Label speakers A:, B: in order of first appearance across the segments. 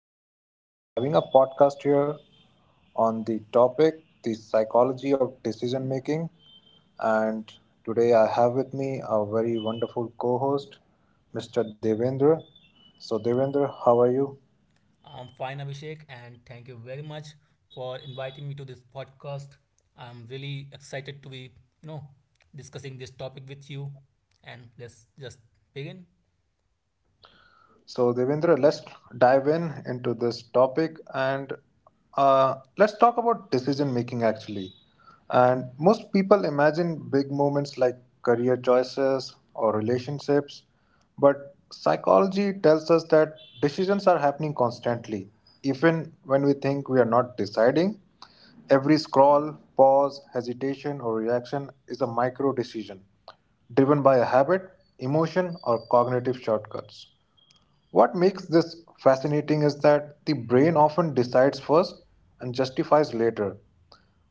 A: today we are having a podcast here on the topic the psychology of decision making. And today I have with me a very wonderful co host, Mr. Devendra. So, Devendra, how are you?
B: I'm fine, Abhishek, and thank you very much for inviting me to this podcast. I'm really excited to be, you know, discussing this topic with you. And let's just begin.
A: So, Devendra, let's dive in into this topic and let's talk about decision making actually. And most people imagine big moments like career choices or relationships, but psychology tells us that decisions are happening constantly, even when we think we are not deciding. Every scroll, pause, hesitation, or reaction is a micro decision driven by a habit, emotion, or cognitive shortcuts. What makes this fascinating is that the brain often decides first and justifies later.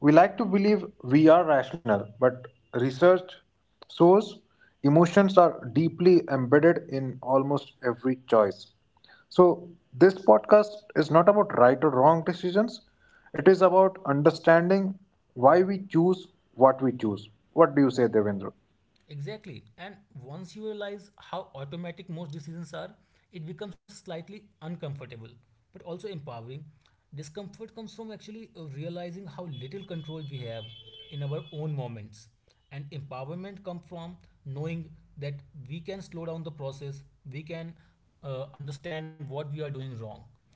A: We like to believe we are rational, but research shows emotions are deeply embedded in almost every choice. So, this podcast is not about right or wrong decisions, it is about understanding why we choose. What do you say, Devendra?
B: Exactly. And once you realize how automatic most decisions are, it becomes slightly uncomfortable, but also empowering. Discomfort comes from actually realizing how little control we have in our own moments. And empowerment comes from knowing that we can slow down the process, we can understand what we are doing wrong.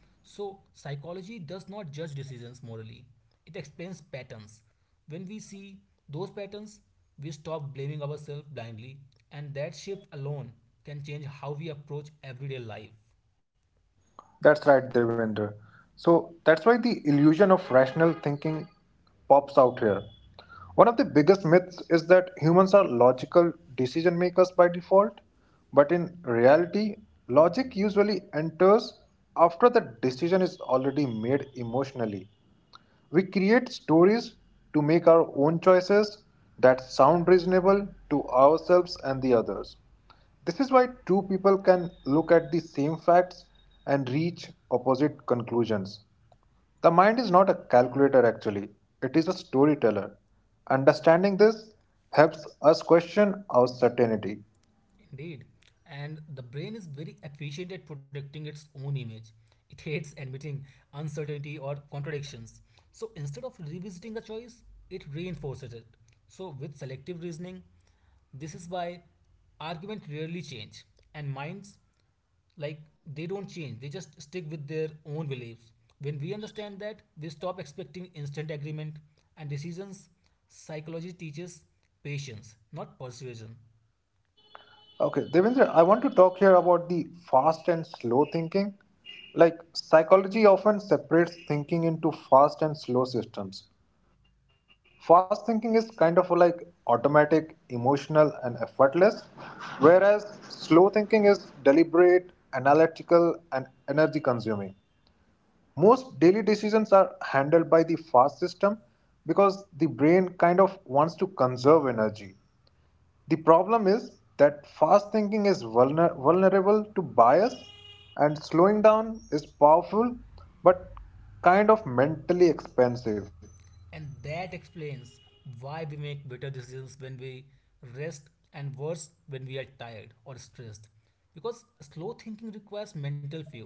B: So, psychology does not judge decisions morally, it explains patterns. When we see those patterns, we stop blaming ourselves blindly, and that shift alone can change how we approach everyday life.
A: That's right, Devendra. So that's why the illusion of rational thinking pops out here. One of the biggest myths is that humans are logical decision makers by default, but in reality, logic usually enters after the decision is already made emotionally. We create stories to make our own choices that sound reasonable to ourselves and the others. This is why two people can look at the same facts and reach opposite conclusions. The mind is not a calculator actually, it is a storyteller. Understanding this helps us question our certainty.
B: Indeed. And the brain is very efficient at protecting its own image. It hates admitting uncertainty or contradictions. So instead of revisiting a choice, it reinforces it. So with selective reasoning, this is why arguments rarely change and minds, like, they don't change, they just stick with their own beliefs. When we understand that, they stop expecting instant agreement and decisions. Psychology teaches patience, not persuasion.
A: Okay, Devendra, I want to talk here about the fast and slow thinking. Like, psychology often separates thinking into fast and slow systems. Fast thinking is kind of like automatic, emotional, and effortless, whereas slow thinking is deliberate, analytical, and energy consuming. Most daily decisions are handled by the fast system because the brain kind of wants to conserve energy. The problem is that fast thinking is vulnerable to bias, and slowing down is powerful but kind of mentally expensive.
B: And that explains why we make better decisions when we rest and worse when we are tired or stressed. Because slow thinking requires mental fuel.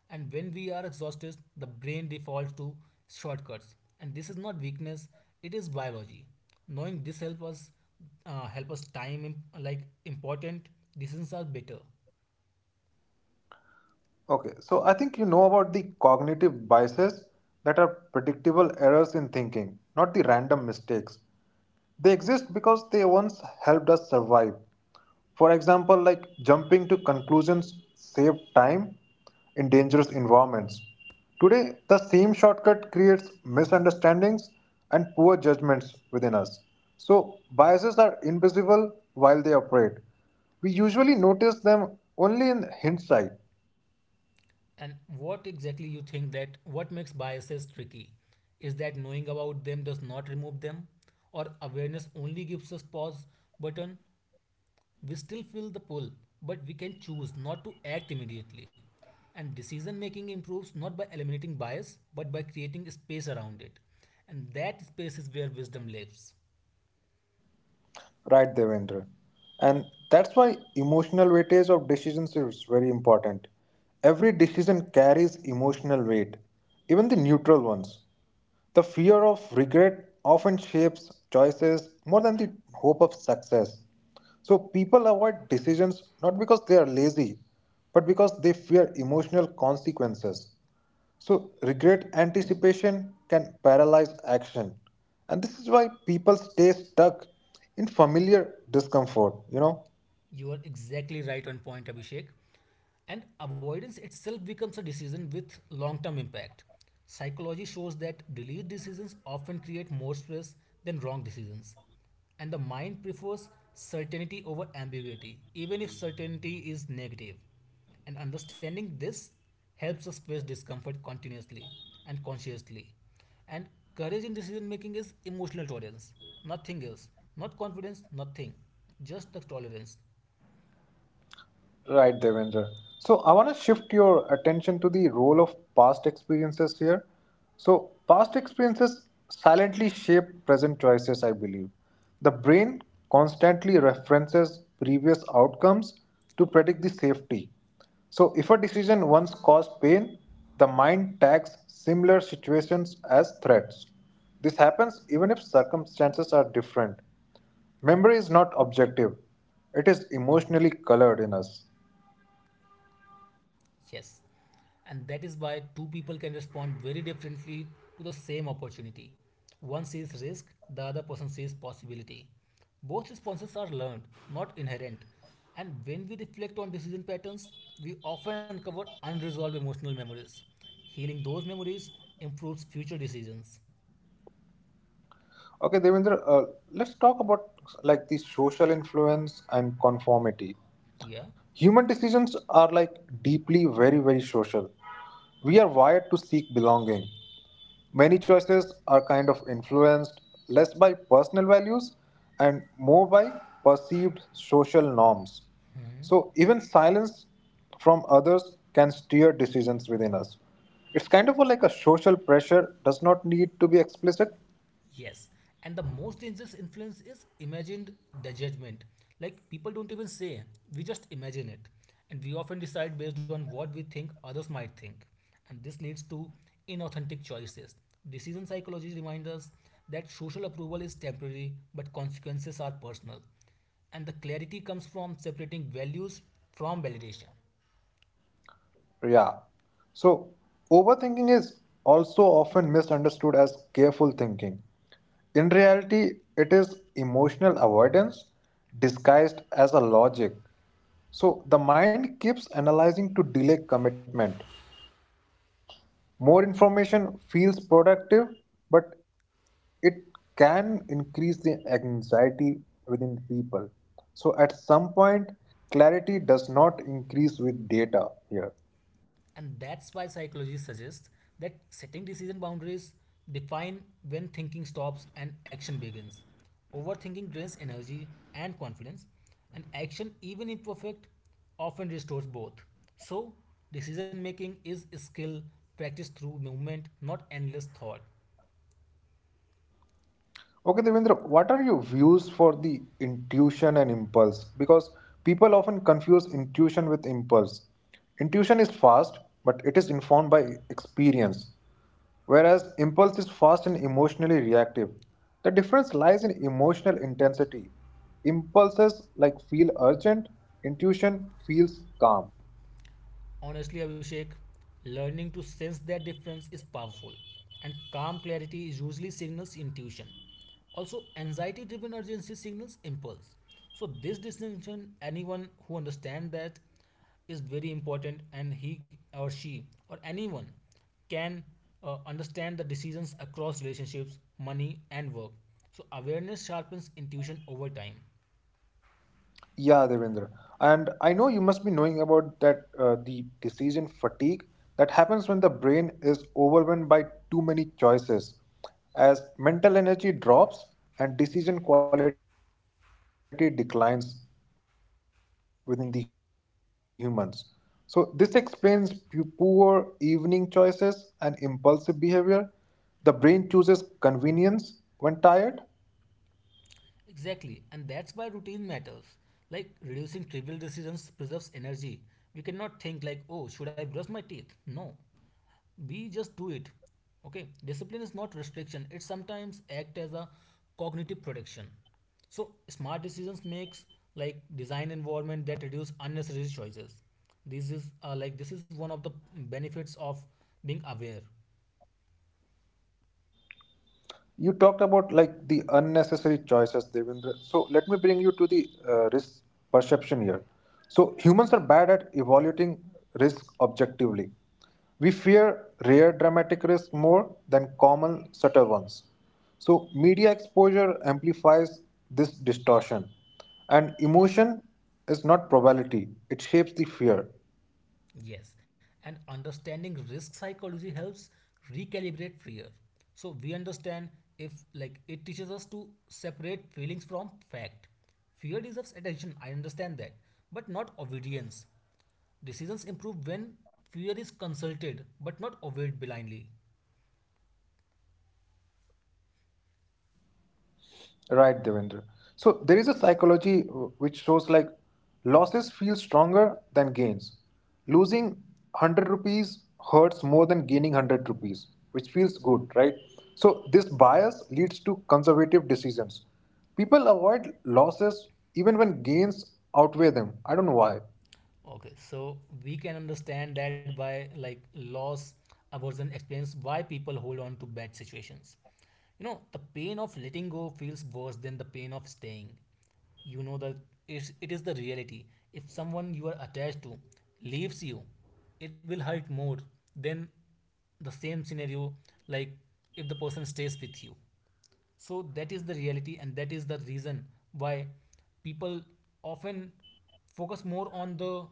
B: And when we are exhausted, the brain defaults to shortcuts. And this is not weakness, it is biology. Knowing this help us time like important decisions are better.
A: Okay, so I think you know about the cognitive biases that are predictable errors in thinking, not the random mistakes. They exist because they once helped us survive. For example, like jumping to conclusions save time in dangerous environments. Today, the same shortcut creates misunderstandings and poor judgments within us. So, biases are invisible while they operate. We usually notice them only in hindsight.
B: And what exactly you think that what makes biases tricky is that knowing about them does not remove them, or awareness only gives us pause button. We still feel the pull, but we can choose not to act immediately. And decision making improves not by eliminating bias, but by creating space around it. And that space is where wisdom lives.
A: Right, Devendra. And that's why emotional weightage of decisions is very important. Every decision carries emotional weight, even the neutral ones. The fear of regret often shapes choices more than the hope of success. So people avoid decisions not because they are lazy, but because they fear emotional consequences. So, regret anticipation can paralyze action. And this is why people stay stuck in familiar discomfort.
B: You are exactly right on point, Abhishek. And avoidance itself becomes a decision with long term impact. Psychology shows that delayed decisions often create more stress than wrong decisions. And the mind prefers certainty over ambiguity, even if certainty is negative. And understanding this helps us face discomfort continuously and consciously. And courage in decision making is emotional tolerance, nothing else. Not confidence, nothing. Just the tolerance.
A: Right, Devendra. So I want to shift your attention to the role of past experiences here. So past experiences silently shape present choices, I believe. The brain constantly references previous outcomes to predict the safety. So if a decision once caused pain, the mind tags similar situations as threats. This happens even if circumstances are different. Memory is not objective, it is emotionally colored in us.
B: Yes. And that is why two people can respond very differently to the same opportunity. One sees risk, the other person sees possibility. Both responses are learned, not inherent. And when we reflect on decision patterns, we often uncover unresolved emotional memories. Healing those memories improves future decisions.
A: Okay, Devendra, let's talk about like the social influence and conformity.
B: Yeah.
A: Human decisions are like deeply very, very social. We are wired to seek belonging. Many choices are kind of influenced less by personal values and more by perceived social norms. So, even silence from others can steer decisions within us. It's kind of like a social pressure does not need to be explicit.
B: Yes, and the most dangerous influence is imagined the judgment. Like people don't even say, we just imagine it. And we often decide based on what we think others might think. And this leads to inauthentic choices. Decision psychology reminds us that social approval is temporary, but consequences are personal. And the clarity comes from separating values from validation.
A: Yeah. So, overthinking is also often misunderstood as careful thinking. In reality, it is emotional avoidance disguised as a logic. So, the mind keeps analyzing to delay commitment. More information feels productive, but it can increase the anxiety within people. So, at some point, clarity does not increase with data here.
B: And that's why psychology suggests that setting decision boundaries define when thinking stops and action begins. Overthinking drains energy and confidence, and action, even imperfect, often restores both. So, decision making is a skill practiced through movement, not endless thought.
A: Okay, Devendra, what are your views for the intuition and impulse? Because people often confuse intuition with impulse. Intuition is fast, but it is informed by experience, whereas impulse is fast and emotionally reactive. The difference lies in emotional intensity. Impulses like feel urgent, intuition feels calm.
B: Honestly, Abhishek, learning to sense that difference is powerful, and calm clarity usually signals intuition. Also, anxiety driven urgency signals impulse. So, this distinction, anyone who understands that, is very important, and he or she or anyone can understand the decisions across relationships, money, and work. So, awareness sharpens intuition over time.
A: Yeah, Devendra. And I know you must be knowing about that the decision fatigue that happens when the brain is overwhelmed by too many choices. As mental energy drops and decision quality declines within the humans. So this explains poor evening choices and impulsive behavior. The brain chooses convenience when tired.
B: Exactly, and that's why routine matters. Like reducing trivial decisions preserves energy. We cannot think like, oh, should I brush my teeth? No, we just do it. Okay, discipline is not restriction. It sometimes act as a cognitive protection. So smart decisions makes like design environment that reduce unnecessary choices. This is like this is one of the benefits of being aware.
A: You talked about like the unnecessary choices, Devendra. So let me bring you to the risk perception here. So humans are bad at evaluating risk objectively. We fear rare dramatic risks more than common subtle ones. So media exposure amplifies this distortion, and emotion is not probability; it shapes the fear.
B: Yes, and understanding risk psychology helps recalibrate fear. So we understand if like it teaches us to separate feelings from fact. Fear deserves attention, I understand that, but not obedience. Decisions improve when fear is consulted, but not obeyed blindly.
A: Right, Devendra. So there is a psychology which shows like losses feel stronger than gains. Losing 100 rupees hurts more than gaining 100 rupees, which feels good, right? So this bias leads to conservative decisions. People avoid losses even when gains outweigh them. I don't know why.
B: Okay, so we can understand that by like loss aversion explains why people hold on to bad situations. The pain of letting go feels worse than the pain of staying. You know that it is the reality. If someone you are attached to leaves you, it will hurt more than the same scenario like if the person stays with you. So that is the reality, and that is the reason why people often focus more on the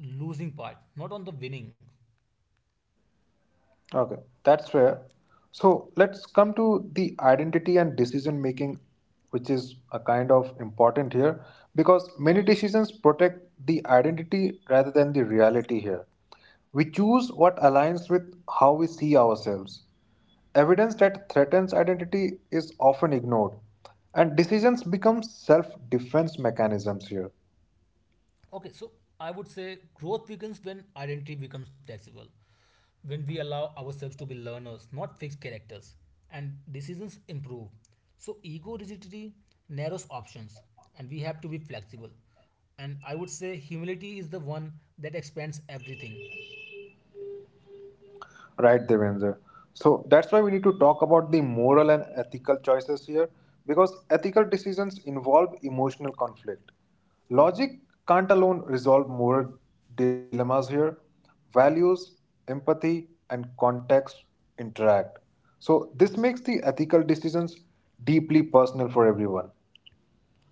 B: losing part, not on the winning.
A: Okay, that's fair. So let's come to the identity and decision making, which is a kind of important here because many decisions protect the identity rather than the reality here. We choose what aligns with how we see ourselves. Evidence that threatens identity is often ignored, and decisions become self defense mechanisms here.
B: Okay, so I would say growth weakens when identity becomes flexible, when we allow ourselves to be learners, not fixed characters, and decisions improve. So ego rigidity narrows options, and we have to be flexible. And I would say humility is the one that expands everything.
A: Right, Devendra. So that's why we need to talk about the moral and ethical choices here because ethical decisions involve emotional conflict. Logic can't alone resolve moral dilemmas here. Values, empathy, and context interact. So this makes the ethical decisions deeply personal for everyone.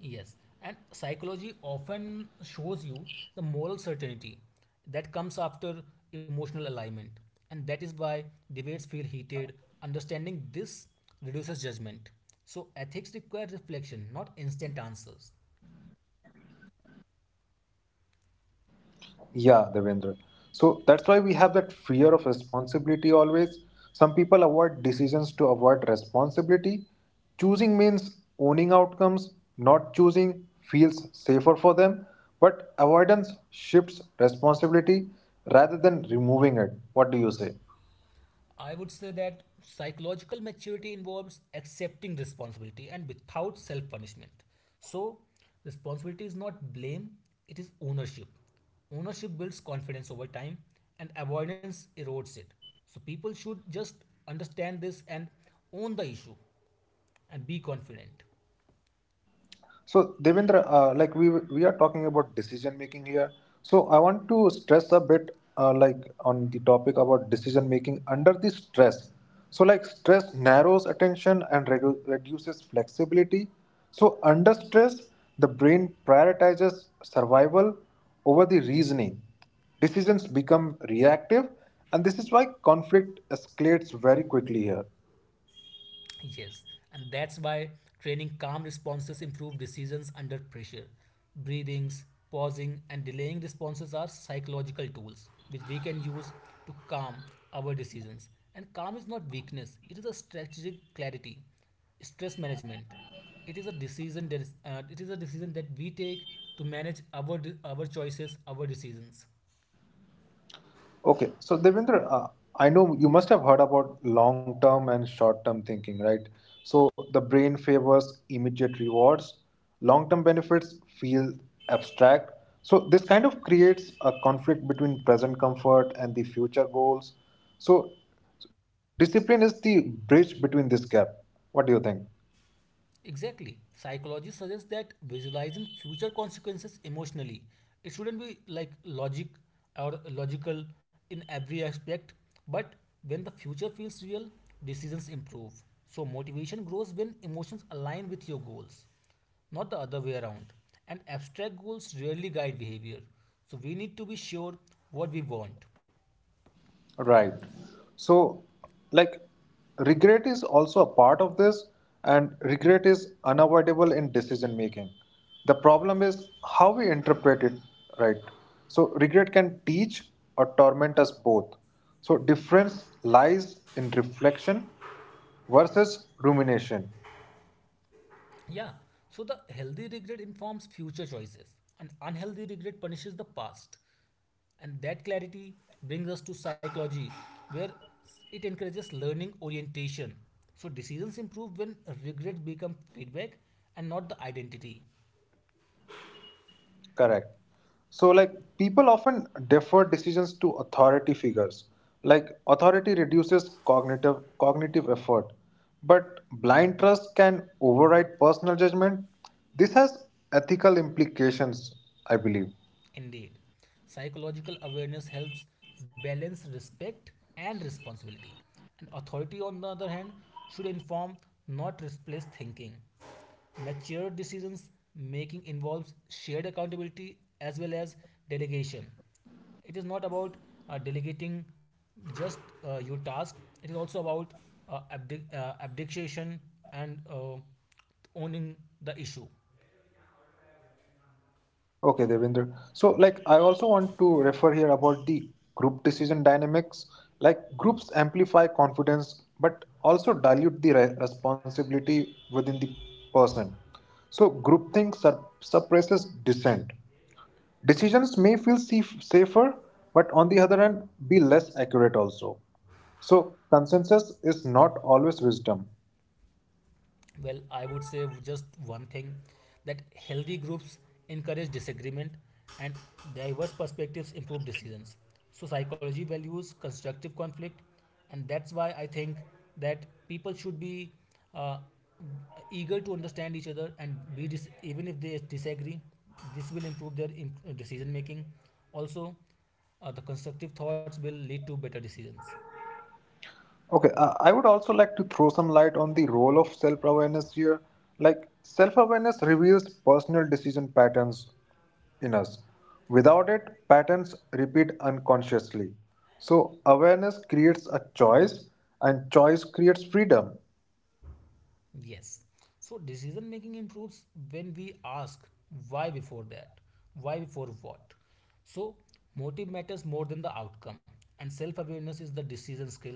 B: Yes, and psychology often shows you the moral certainty that comes after emotional alignment, and that is why debates feel heated. Understanding this reduces judgment. So, ethics require reflection, not instant answers.
A: Yeah, Devendra. So that's why we have that fear of responsibility always. Some people avoid decisions to avoid responsibility. Choosing means owning outcomes, not choosing feels safer for them. But avoidance shifts responsibility rather than removing it. What do you say?
B: I would say that psychological maturity involves accepting responsibility and without self punishment. So, responsibility is not blame, it is ownership. Ownership builds confidence over time and avoidance erodes it. So, people should just understand this and own the issue and be confident.
A: So, Devendra, like we are talking about decision making here. So, I want to stress a bit, like on the topic about decision making under the stress. So, like stress narrows attention and reduces flexibility. So, under stress, the brain prioritizes survival over the reasoning. Decisions become reactive, and this is why conflict escalates very quickly here.
B: Yes, and that's why training calm responses improve decisions under pressure. Breathings, pausing, and delaying responses are psychological tools which we can use to calm our decisions. And calm is not weakness, it is a strategic clarity, stress management. It is a decision that we take to manage our choices, our decisions.
A: Okay, so Devendra, I know you must have heard about long term and short term thinking, right? So the brain favors immediate rewards, long term benefits feel abstract. So this kind of creates a conflict between present comfort and the future goals. So discipline is the bridge between this gap. What do you think?
B: Exactly. Psychology suggests that visualizing future consequences emotionally, it shouldn't be like logic or logical in every aspect, but when the future feels real, decisions improve. So motivation grows when emotions align with your goals, not the other way around. And abstract goals rarely guide behavior. So we need to be sure what we want.
A: Right. So, like, regret is also a part of this, and regret is unavoidable in decision making. The problem is how we interpret it, right? So, regret can teach or torment us both. So, difference lies in reflection versus rumination.
B: Yeah, so the healthy regret informs future choices, and unhealthy regret punishes the past. And that clarity brings us to psychology, where it encourages learning orientation. So decisions improve when regrets become feedback and not the identity.
A: Correct. So, like, people often defer decisions to authority figures. Like, authority reduces cognitive effort, but blind trust can override personal judgment. This has ethical implications, I believe.
B: Indeed, psychological awareness helps balance respect and responsibility. And authority, on the other hand, should inform, not replace thinking. Mature decisions making involves shared accountability as well as delegation. It is not about delegating just your task, it is also about abdication and owning the issue.
A: Okay, Devinder. So, like, I also want to refer here about the group decision dynamics. Like, groups amplify confidence but also dilute the responsibility within the person. So, groupthink suppresses dissent. Decisions may feel safer, but on the other hand, be less accurate also. So, consensus is not always wisdom.
B: Well, I would say just one thing that healthy groups encourage disagreement and diverse perspectives improve decisions. So, psychology values constructive conflict, and that's why I think that people should be uh, eager to understand each other and be even if they disagree, this will improve their decision making. Also, the constructive thoughts will lead to better decisions.
A: Okay, I would also like to throw some light on the role of self awareness here. Like, self awareness reveals personal decision patterns in us. Without it, patterns repeat unconsciously. So, awareness creates a choice, and choice creates freedom.
B: Yes. So decision making improves when we ask why before that, why before what. So motive matters more than the outcome, and self awareness is the decision skill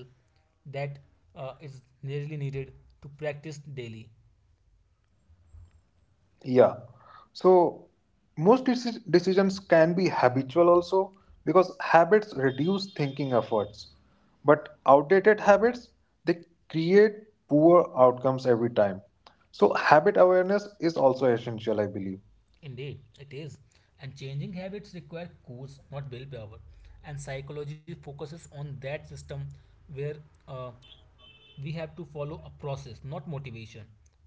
B: that is nearly needed to practice daily.
A: Yeah. So most decisions can be habitual also because habits reduce thinking efforts. But outdated habits, they create poor outcomes every time. So habit awareness is also essential, I believe.
B: Indeed, it is. And changing habits require course, not willpower. And psychology focuses on that system where uh, we have to follow a process, not motivation.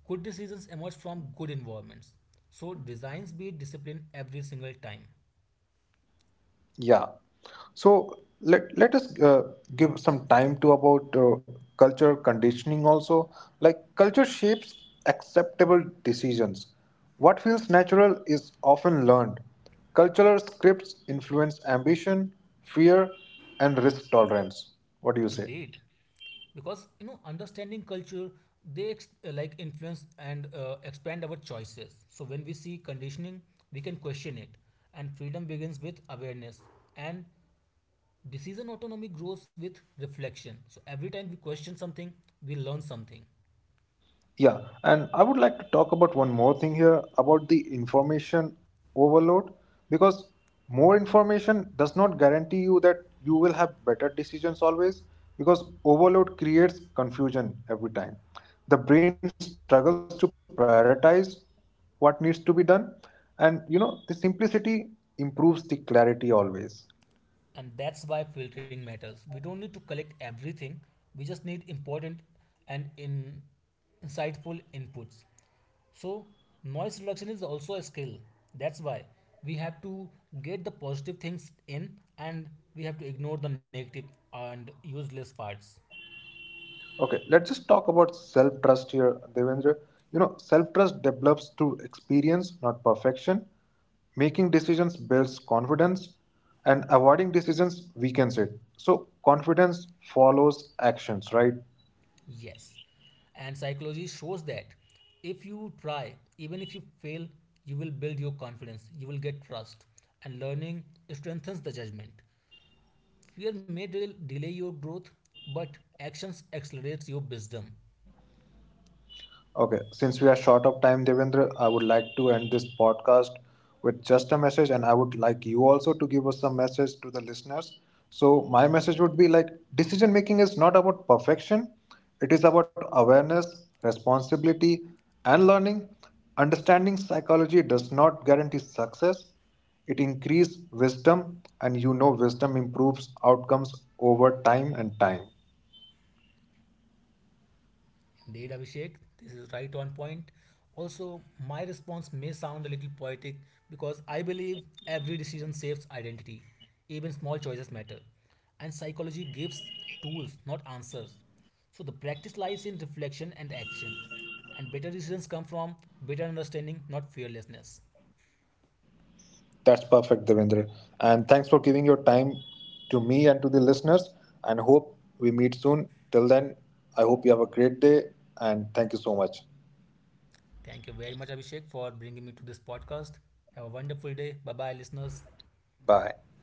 B: Good decisions emerge from good environments. So designs be disciplined every single time.
A: Yeah. So let us give some time to about culture conditioning also. Like culture shapes acceptable decisions. What feels natural is often learned. Cultural scripts influence ambition, fear, and risk tolerance. What do you say?
B: Indeed, because you know understanding culture, they like influence and expand our choices. So when we see conditioning, we can question it, and freedom begins with awareness and decision autonomy grows with reflection. So every time we question something, we learn something.
A: Yeah, and I would like to talk about one more thing here about the information overload because more information does not guarantee you that you will have better decisions always because overload creates confusion every time. The brain struggles to prioritize what needs to be done, and the simplicity improves the clarity always.
B: And that's why filtering matters. We don't need to collect everything, we just need important and insightful inputs. So, noise reduction is also a skill. That's why we have to get the positive things in and we have to ignore the negative and useless parts.
A: Okay, let's just talk about self trust here, Devendra. You know, self trust develops through experience, not perfection. Making decisions builds confidence, and avoiding decisions weakens it. So, confidence follows actions, right?
B: Yes. And psychology shows that if you try, even if you fail, you will build your confidence, you will get trust, and learning strengthens the judgment. Fear may delay your growth, but actions accelerates your wisdom.
A: Okay, since we are short of time, Devendra, I would like to end this podcast with just a message, and I would like you also to give us some message to the listeners. So, my message would be like decision making is not about perfection, it is about awareness, responsibility, and learning. Understanding psychology does not guarantee success, it increases wisdom, and wisdom improves outcomes over time and time.
B: Indeed, Abhishek, this is right on point. Also, my response may sound a little poetic because I believe every decision saves identity. Even small choices matter. And psychology gives tools, not answers. So, the practice lies in reflection and action. And better decisions come from better understanding, not fearlessness.
A: That's perfect, Devendra. And thanks for giving your time to me and to the listeners. And hope we meet soon. Till then, I hope you have a great day. And thank you so much.
B: Thank you very much, Abhishek, for bringing me to this podcast. Have a wonderful day. Bye bye,
A: Bye.
B: listeners.